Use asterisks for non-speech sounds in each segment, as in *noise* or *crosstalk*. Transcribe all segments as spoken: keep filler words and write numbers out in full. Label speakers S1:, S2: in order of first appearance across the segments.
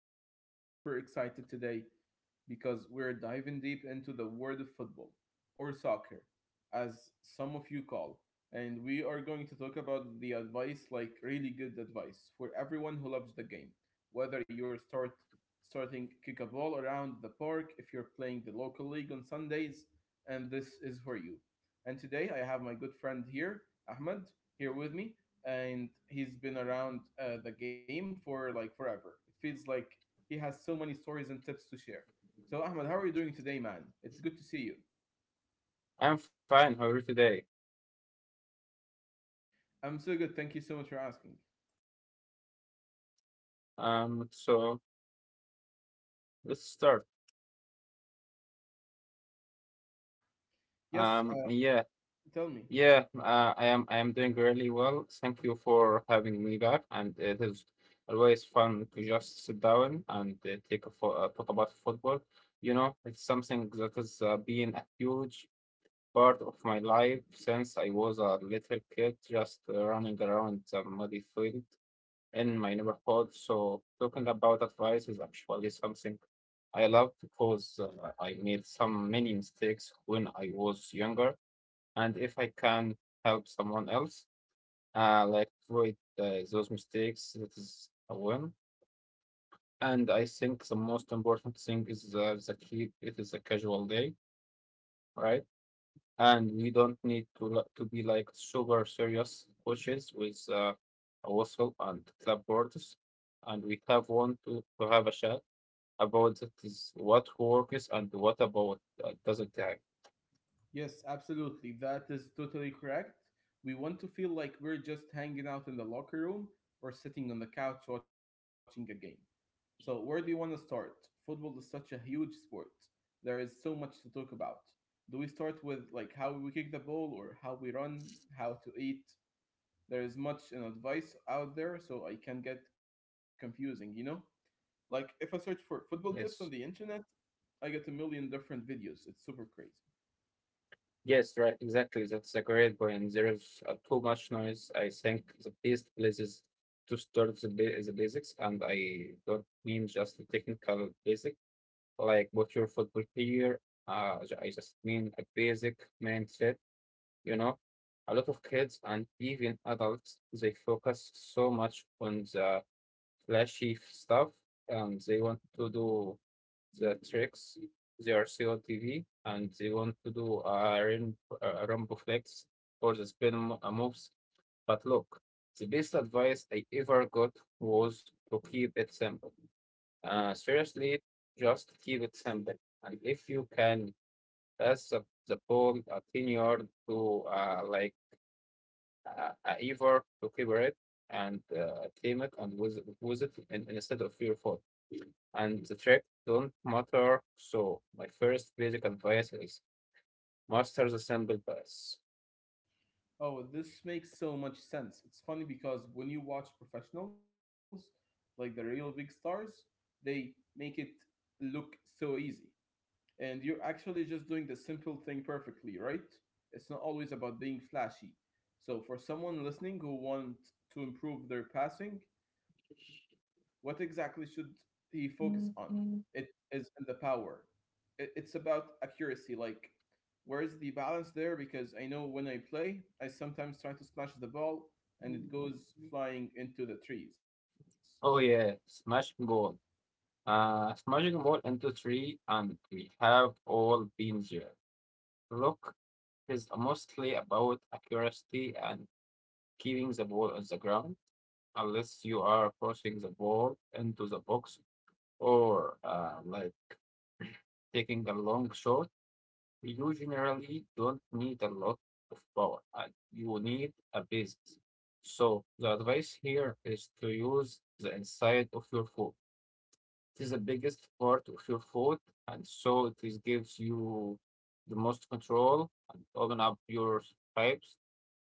S1: for today. I'm super excited today because we're diving deep into the world of football or soccer, as some of you call. And we are going to talk about the advice, like really good advice for everyone who loves the game. Whether you're start starting kick a ball around the park, if you're playing the local league on Sundays, and this is for you. And today I have my good friend here, Ahmed, here with me and he's been around uh, the game for like forever. It feels like he has so many stories and tips to share. So, Ahmed, how are you doing today, man? It's good to see you.
S2: I'm fine. How are you today?
S1: I'm so good. Thank you so much for asking.
S2: Um, so let's start.
S1: Yes,
S2: Um,
S1: uh,
S2: yeah,
S1: tell me.
S2: yeah. Uh, I am. I am doing really well. Thank you for having me back, and it is always fun to just sit down and uh, take a fo- uh, talk about football. You know, it's something that has uh, been a huge part of my life since I was a little kid, just uh, running around the muddy field in my neighborhood. So talking about advice is actually something I love because uh, I made some many mistakes when I was younger. And if I can help someone else, uh, like avoid uh, those mistakes, that is a win. And I think the most important thing is uh, the keep it is a casual day, right? And we don't need to li- to be like super serious coaches with uh, a whistle and clapboards, and we have one to, to have a chat about that is what works and what about uh, doesn't have.
S1: Yes, absolutely. That is totally correct. We want to feel like we're just hanging out in the locker room or sitting on the couch watching a game. So, where do you want to start? Football is such a huge sport. There is so much to talk about. Do we start with like how we kick the ball or how we run, how to eat? There is much in advice out there, so I can get confusing, you know? Like if I search for football tips on the
S2: Yes.
S1: internet, I get a million different videos. It's super crazy.
S2: Yes, right, exactly, that's a great point. There's uh, too much noise. I think the best places to start the, ba- the basics, and I don't mean just the technical basic like what your football player uh, j- I just mean a basic mindset. You know, a lot of kids and even adults, they focus so much on the flashy f- stuff and they want to do the tricks. They are T V and they want to do a, rim, a rumble flex or the spin mo- uh, moves. But look, the best advice I ever got was to keep it simple. Uh, seriously, just keep it simple. And if you can pass the, the ball a ten yard to uh, like a, a evil equivalent and uh, tame it and with, with it in, instead of your phone. And the trick don't matter. So my first basic advice is master the simple pass.
S1: Oh, this makes so much sense. It's funny because when you watch professionals, like the real big stars, they make it look so easy. And you're actually just doing the simple thing perfectly, right? It's not always about being flashy. So, for someone listening who wants to improve their passing, what exactly should he focus on? It is in the power. It, it's about accuracy. Like, where is the balance there? Because I know when I play, I sometimes try to smash the ball and it goes flying into the trees.
S2: Oh yeah, smash goal. Uh, smashing ball into three, and we have all been there. Look, is mostly about accuracy and keeping the ball on the ground, unless you are forcing the ball into the box or uh, like taking a long shot, you generally don't need a lot of power. Uh, you need a basis. So the advice here is to use the inside of your foot. It is the biggest part of your foot, and so it is gives you the most control and open up your pipes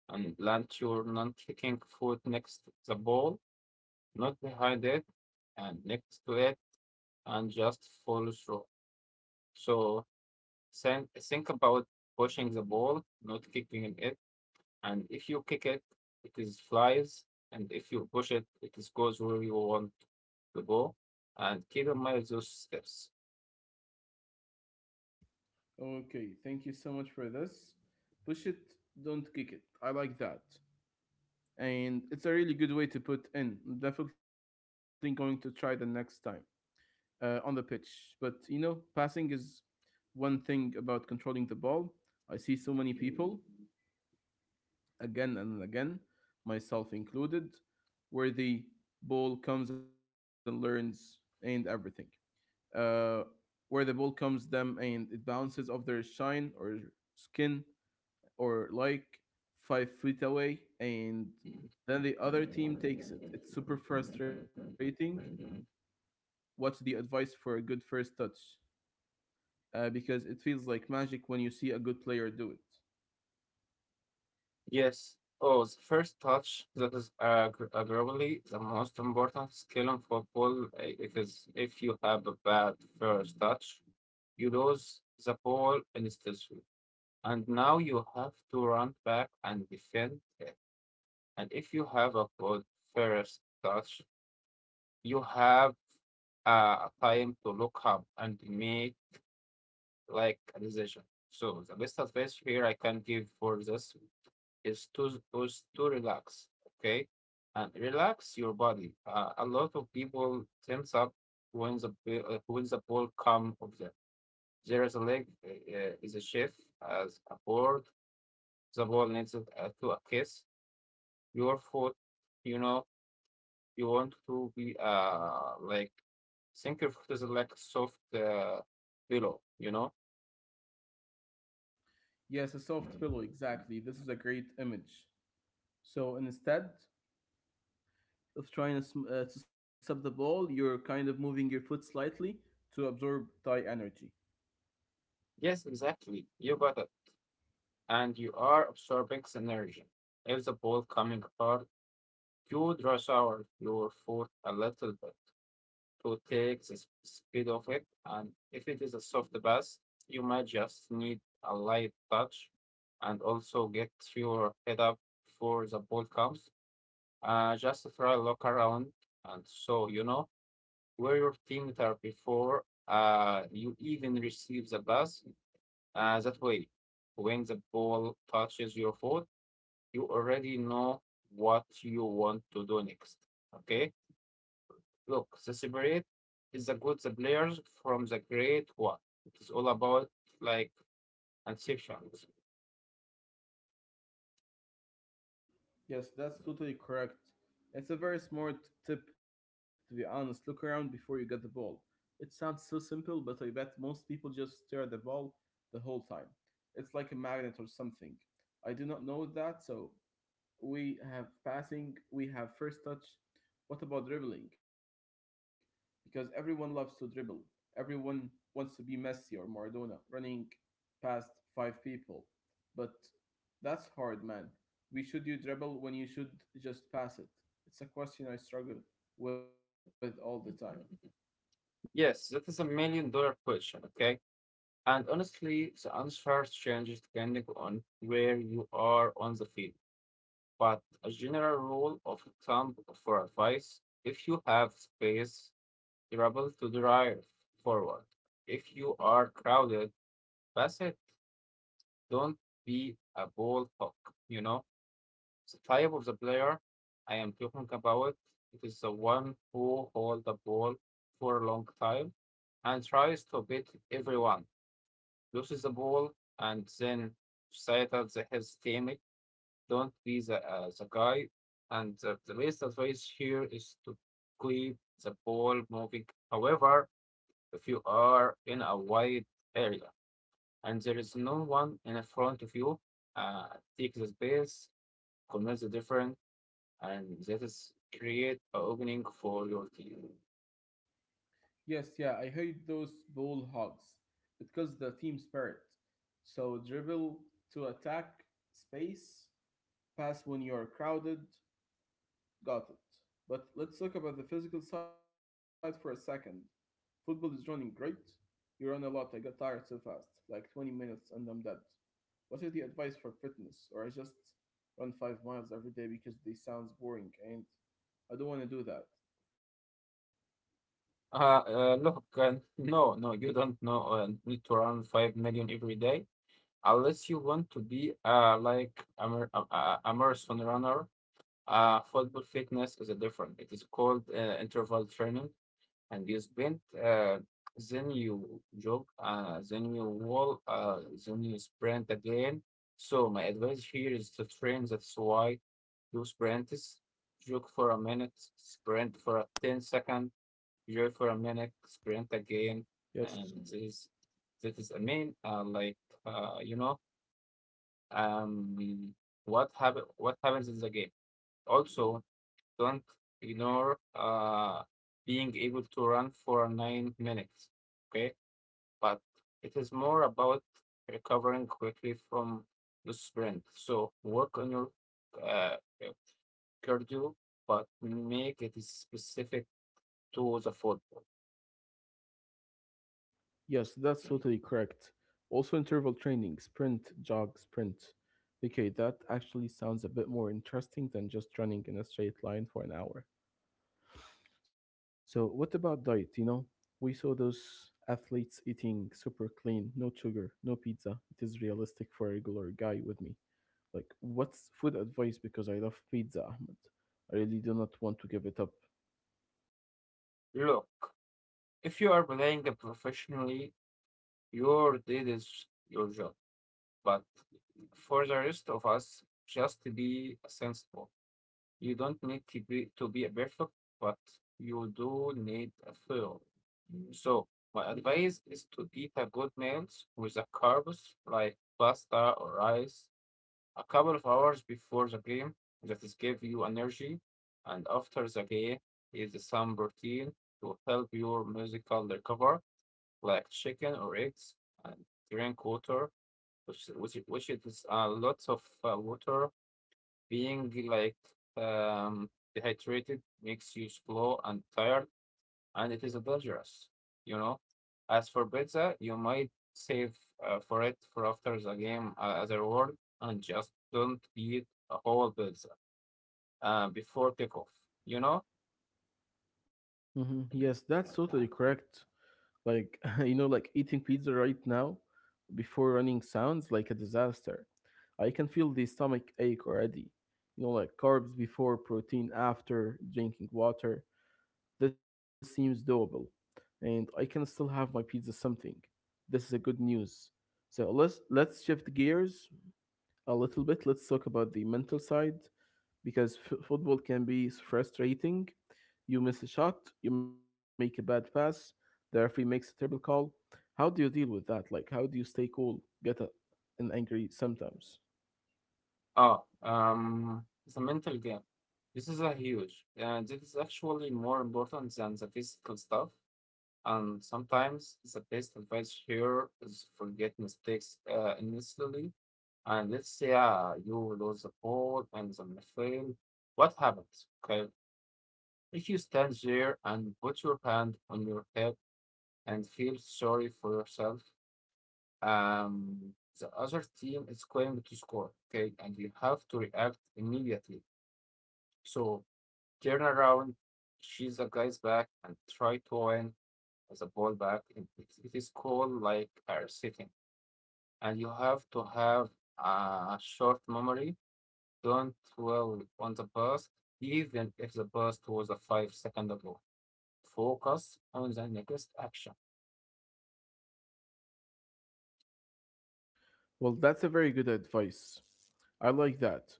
S2: and plant your non-kicking foot next to the ball, not behind it and next to it, and just follow through. So Think, think about pushing the ball, not kicking it. And if you kick it, it is flies. And if you push it, it is goes where you want to go. And keep in mind those steps.
S1: Okay, thank you so much for this. Push it, don't kick it. I like that. And it's a really good way to put in. I'm definitely going to try the next time uh, on the pitch. But you know, passing is one thing about controlling the ball. I see so many people again and again, myself included, where the ball comes and learns and everything. Uh, where the ball comes them and it bounces off their shine or skin or like five feet away, and then the other team takes it. It's super frustrating. What's the advice for a good first touch? Uh, because it feels like magic when you see a good player do it.
S2: Yes. Oh, the first touch, that is uh, gr- uh, probably the most important skill in football. uh, It is, if you have a bad first touch, you lose the ball instantly, and now you have to run back and defend it. And if you have a good first touch, you have uh, time to look up and make like a decision. So the best advice here I can give for this is to is to relax, okay, and relax your body. Uh, a lot of people tense up when the b- uh, when the ball come of them. There is a leg uh, uh, is a shift as a board. The ball needs it, uh, to a kiss your foot. You know, you want to be uh like Thinkerfoot is like soft uh, pillow, you know?
S1: Yes, a soft pillow,
S2: Mhm.
S1: exactly. This is a great image. So instead of trying to, uh, to sub the ball, you're kind of moving your foot slightly to absorb Thai energy.
S2: Yes, exactly. You got it. And you are absorbing the energy. If the ball coming hard, you dress out your foot a little bit to take the s- speed of it. And if it is a soft pass, you might just need a light touch, and also get your head up before the ball comes. Uh, just try look around. And so, you know, where your team are before uh, you even receive the pass. Uh, that way, when the ball touches your foot, you already know what you want to do next. Okay? Look, the separate is the good the players from the great one. It is all about like exceptions.
S1: Yes, that's totally correct. It's a very smart tip, to be honest. Look around before you get the ball. It sounds so simple, but I bet most people just stare at the ball the whole time. It's like a magnet or something. I do not know that, so we have passing, we have first touch. What about dribbling? Because everyone loves to dribble. Everyone wants to be Messi or Maradona, running past five people. But that's hard, man. We should you dribble when you should just pass it? It's a question I struggle with all the time.
S2: Yes, that is a million dollar question, okay? And honestly, the answer changes depending on where you are on the field. But a general rule of thumb for advice, if you have space, travel to drive forward. If you are crowded, pass it. Don't be a ball hawk. You know, the type of the player I am talking about. It is the one who holds the ball for a long time and tries to beat everyone, loses the ball, and then societal his team. Don't be the, uh, the guy. And uh, the best advice here is to keep the ball moving. However, if you are in a wide area and there is no one in front of you, uh, take the space, convert the different, and that is create an opening for your team.
S1: Yes, yeah, I hate those ball hogs. It kills the team spirit. So dribble to attack space, pass when you're crowded. Got it. But let's talk about the physical side for a second. Football is running great. You run a lot. I got tired so fast, like twenty minutes, and I'm dead. What is the advice for fitness? Or I just run five miles every day because this sounds boring and I don't want to do that.
S2: Uh, uh, look, uh, no, no, you don't know uh, need to run five million every day unless you want to be uh like a, mar- a, a a marathon runner. Uh, football fitness is a different. It is called uh, interval training, and you sprint, uh, then you jog, uh, then you wall, uh, then you sprint again. So my advice here is to train. That's why do sprints, jog for a minute, sprint for a ten second, jog for a minute, sprint again, and this this is a main uh, like uh, you know um what happen what happens in the game. Also, don't ignore uh, being able to run for nine minutes, okay? But it is more about recovering quickly from the sprint. So work on your uh, uh, cardio, but make it specific to the football.
S1: Yes, that's totally correct. Also, interval training, sprint, jog, sprint. Okay, that actually sounds a bit more interesting than just running in a straight line for an hour. So, what about diet? You know, we saw those athletes eating super clean, no sugar, no pizza. It is realistic for a regular guy with me. Like, what's food advice? Because I love pizza, Ahmed. I really do not want to give it up.
S2: Look, if you are playing professionally, your did is your job. But for the rest of us, just be sensible. You don't need to be to be a perfect, but you do need a feel. So my advice is to eat a good meals with a carbs like pasta or rice a couple of hours before the game. That is give you energy, and after the game is some protein to help your musical recover, like chicken or eggs, and drink water, which which which it is a lot of uh, water being like um, dehydrated makes you slow and tired, and it is dangerous, you know. As for pizza, you might save uh, for it for after the game uh, as a reward, and just don't eat a whole pizza uh, before takeoff, you know.
S1: hmm Yes, that's totally correct. Like, *laughs* you know, like eating pizza right now before running sounds like a disaster. I can feel the stomach ache already. You know, like carbs before, protein after, drinking water. This seems doable, and I can still have my pizza something. This is a good news. So let's let's shift gears a little bit. Let's talk about the mental side because f- football can be frustrating. You miss a shot, you make a bad pass, the referee makes a terrible call. How do you deal with that? Like, how do you stay cool, get a, and angry sometimes?
S2: Oh, um, it's a mental game. This is a huge. Uh, this is actually more important than the physical stuff. And sometimes the best advice here is forget mistakes uh, initially. And let's say uh, you lose the ball and then you fail. What happens? Okay. If you stand there and put your hand on your head and feel sorry for yourself, um, the other team is going to score. Okay. And you have to react immediately. So turn around, she's the guy's back, and try to win as a ball back. It, it it is called like a sitting, and you have to have a short memory. Don't dwell on the past, even if the past was a five second ago. Focus on the next action.
S1: Well, that's a very good advice. I like that.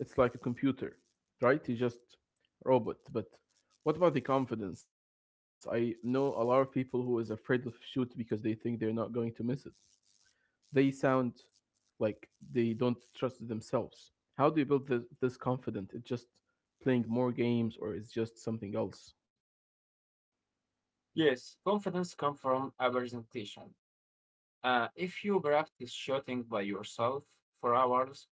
S1: It's like a computer, right? You just robot. But what about the confidence? I know a lot of people who is afraid of shoot because they think they're not going to miss it. They sound like they don't trust themselves. How do you build this, this confidence? It's just playing more games or it's just something else?
S2: Yes, confidence comes from a presentation. Uh, if you practice shooting by yourself for hours,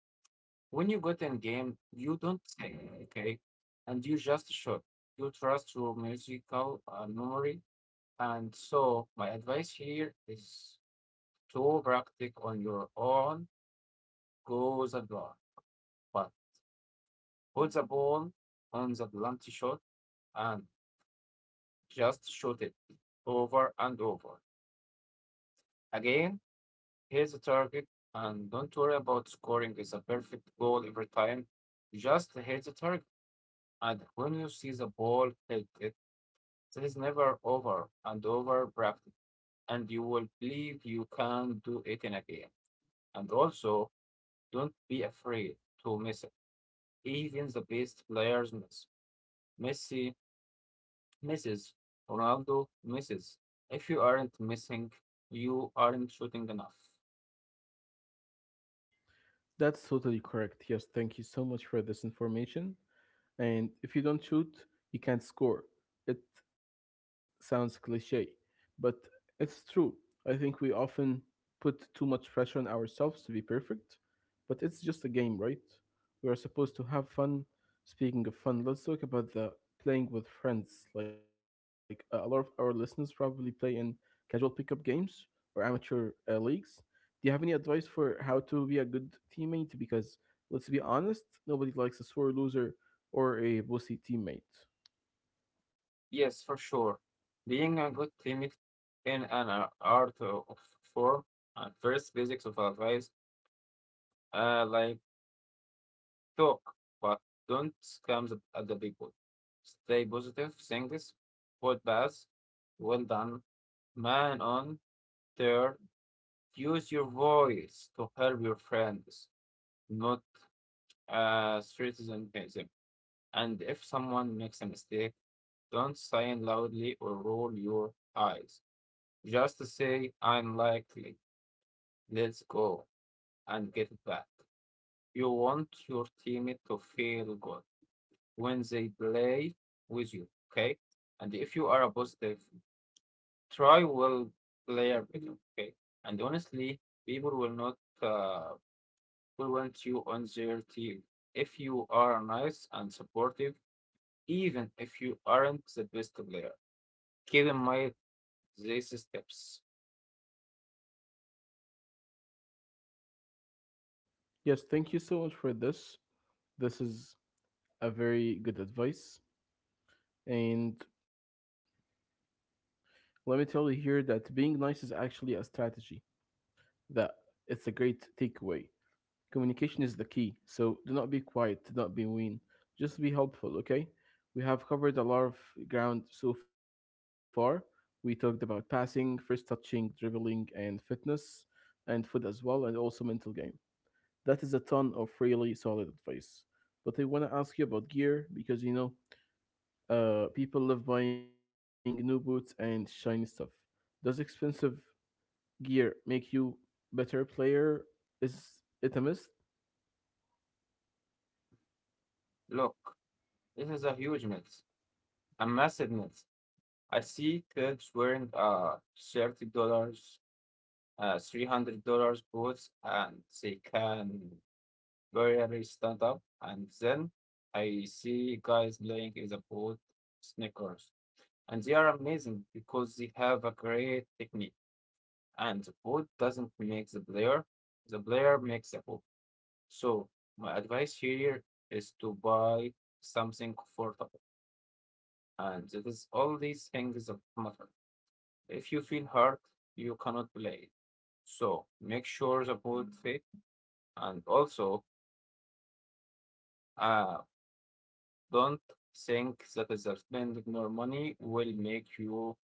S2: when you get in game, you don't say okay, and you just shoot. You trust your musical uh, memory. And so, my advice here is to practice on your own, go the ball, but put the ball on the blunt shot and just shoot it over and over. Again, here's the target, and don't worry about scoring is a perfect goal every time. Just hit the target, and when you see the ball hit it, that is never over and over practice, and you will believe you can do it in a game. And also, don't be afraid to miss it. Even the best players miss. Messi misses. Ronaldo misses. If you aren't missing, you aren't shooting enough.
S1: That's totally correct. Yes, thank you so much for this information. And if you don't shoot, you can't score. It sounds cliche, but it's true. I think we often put too much pressure on ourselves to be perfect. But it's just a game, right? We are supposed to have fun. Speaking of fun, let's talk about the playing with friends. Like uh, a lot of our listeners probably play in casual pickup games or amateur uh, leagues. Do you have any advice for how to be a good teammate? Because let's be honest, nobody likes a sore loser or a bossy teammate.
S2: Yes, for sure. Being a good teammate in an a- art o- of form, and first basics of advice, uh, like talk, but don't scam the, at the people. Stay positive, singles, good pass, well done, man on, third. Use your voice to help your friends, not uh, threaten them. And if someone makes a mistake, don't sign loudly or roll your eyes. Just say, unlikely, let's go, and get it back. You want your teammate to feel good when they play with you, okay? And if you are a positive, try will player, okay? And honestly, people will not uh, we want you on their team. If you are nice and supportive, even if you aren't the best player, keep in mind these steps.
S1: Yes, thank you so much for this. This is a very good advice. And let me tell you here that being nice is actually a strategy. That it's a great takeaway. Communication is the key, so do not be quiet, do not be mean, just be helpful, okay? We have covered a lot of ground so far. We talked about passing, first touching, dribbling, and fitness, and food as well, and also mental game. That is a ton of really solid advice. But I want to ask you about gear because you know, uh, people love buying new boots and shiny stuff. Does expensive gear make you better player? Is it a myth?
S2: Look, this is a huge myth, a massive myth. I see kids wearing uh thirty dollars, uh three hundred dollars boots, and they can barely stand up. And then I see guys playing in the boot sneakers, and they are amazing because they have a great technique. And the code doesn't make the player, the player makes the code. So my advice here is to buy something comfortable, and it is all these things that matter. If you feel hurt, you cannot play. So make sure the board fit, and also uh, don't think that spending more money will make you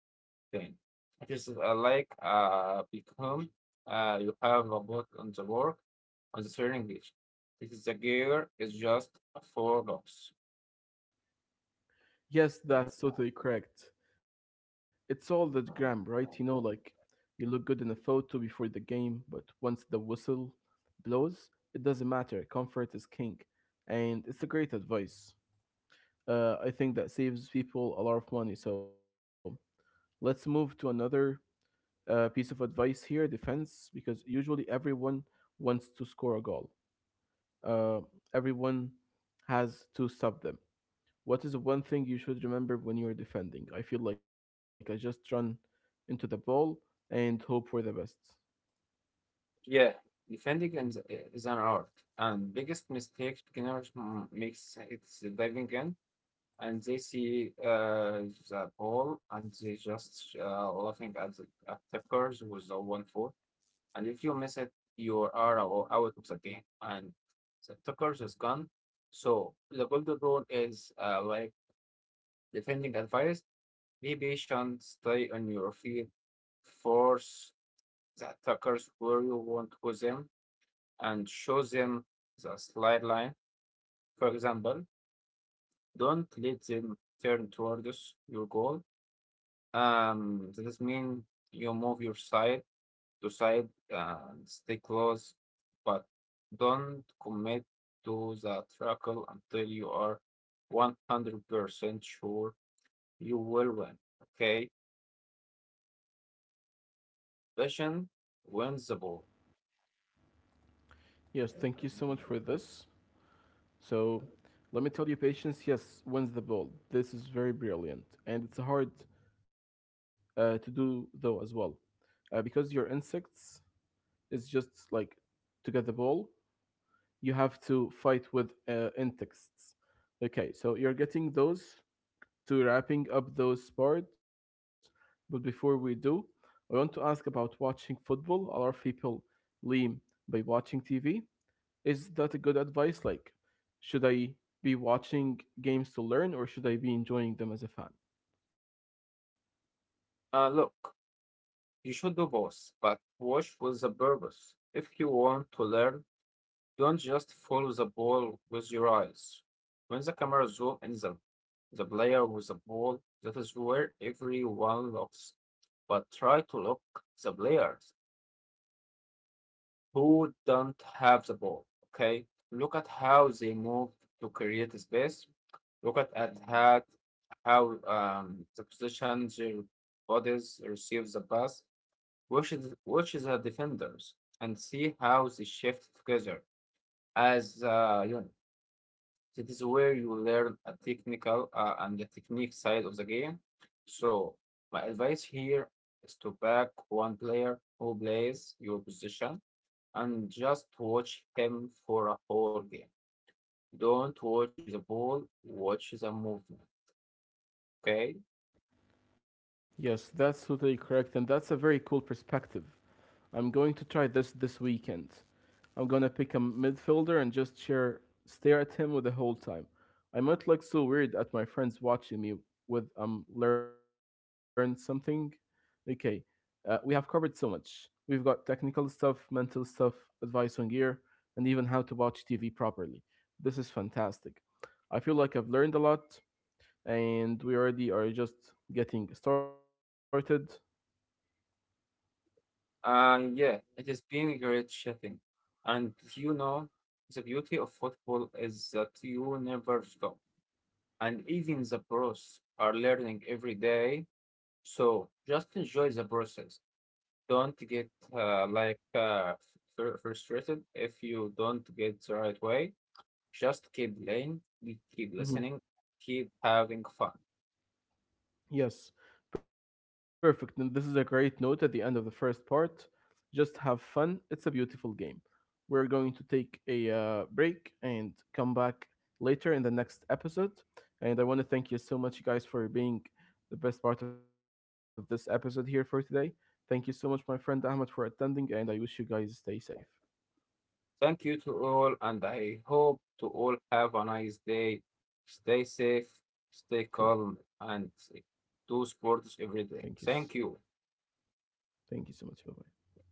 S2: thing. It is uh, like uh, become uh, you have a bot on the work on the training. Page. This is the gear is just four blocks.
S1: Yes, that's totally correct. It's all that gram, right? You know, like you look good in a photo before the game, but once the whistle blows, it doesn't matter. Comfort is king, and it's a great advice. Uh, I think that saves people a lot of money. So let's move to another uh, piece of advice here: defense, because usually everyone wants to score a goal. uh, Everyone has to stop them. What is one thing you should remember when you're defending? I feel like I just run into the ball and hope for the best.
S2: Yeah, defending is, is an art, and biggest mistake beginners m- makes is diving in, and they see uh, the ball, and they just uh, laughing at the at tackers with the one foot. And if you miss it, you are o- out of the game and the attackers is gone. So the golden rule is uh, like defending advice. Be patient, stay on your feet, force the attackers where you want to go them, and show them the slide line. For example, don't let them turn towards your goal. Um, this means you move your side to side and stay close, but don't commit to the trial until you are one hundred percent sure you will win. Okay? Passion wins the ball.
S1: Yes, thank you so much for this. So, let me tell you, patience, yes, wins the ball. This is very brilliant. And it's hard uh, to do, though, as well. Uh, because your insects is just like to get the ball, you have to fight with uh, insects. Okay, so you're getting those to wrapping up those sports, but before we do, I want to ask about watching football. A lot of people lean by watching T V. Is that a good advice? Like, should I be watching games to learn or should I be enjoying them as a fan?
S2: Uh, look, you should do both, but watch with the purpose. If you want to learn, don't just follow the ball with your eyes. When the camera zoom in the, the player with the ball, that is where everyone looks. But try to look the players who don't have the ball. Okay, look at how they move to create space. Look at, at Mhm. how how um, the position their bodies receive the pass, which is which is the defenders, and see how they shift together as a unit. That is where you learn a technical uh, and the technique side of the game. So my advice here is to back one player who plays your position and just watch him for a whole game. Don't watch the ball, watch the movement. Okay?
S1: Yes, that's totally correct, and that's a very cool perspective. I'm going to try this this weekend. I'm gonna pick a midfielder and just share, stare at him with the whole time. I might look so weird at my friends watching me with um learn something. Okay, uh, we have covered so much. We've got technical stuff, mental stuff, advice on gear, and even how to watch T V properly. This is fantastic. I feel like I've learned a lot, and we already are just getting started.
S2: Uh, yeah, it has been a great chatting. And you know, the beauty of football is that you never stop. And even the pros are learning every day. So just enjoy the process. Don't get uh, like uh, fr- frustrated if you don't get the right way. Just keep playing, we keep
S1: Mhm.
S2: listening, keep having fun.
S1: Yes, perfect. And this is a great note at the end of the first part. Just have fun. It's a beautiful game. We're going to take a uh, break and come back later in the next episode. And I want to thank you so much, you guys, for being the best part of this episode here for today. Thank you so much, my friend Ahmed, for attending, and I wish you guys stay safe.
S2: Thank you to all, and I hope to all have a nice day. Stay safe, stay calm, and
S1: Thank,
S2: do sports every day.
S1: thank you.
S2: Thank you.
S1: Thank you so much. Bye bye.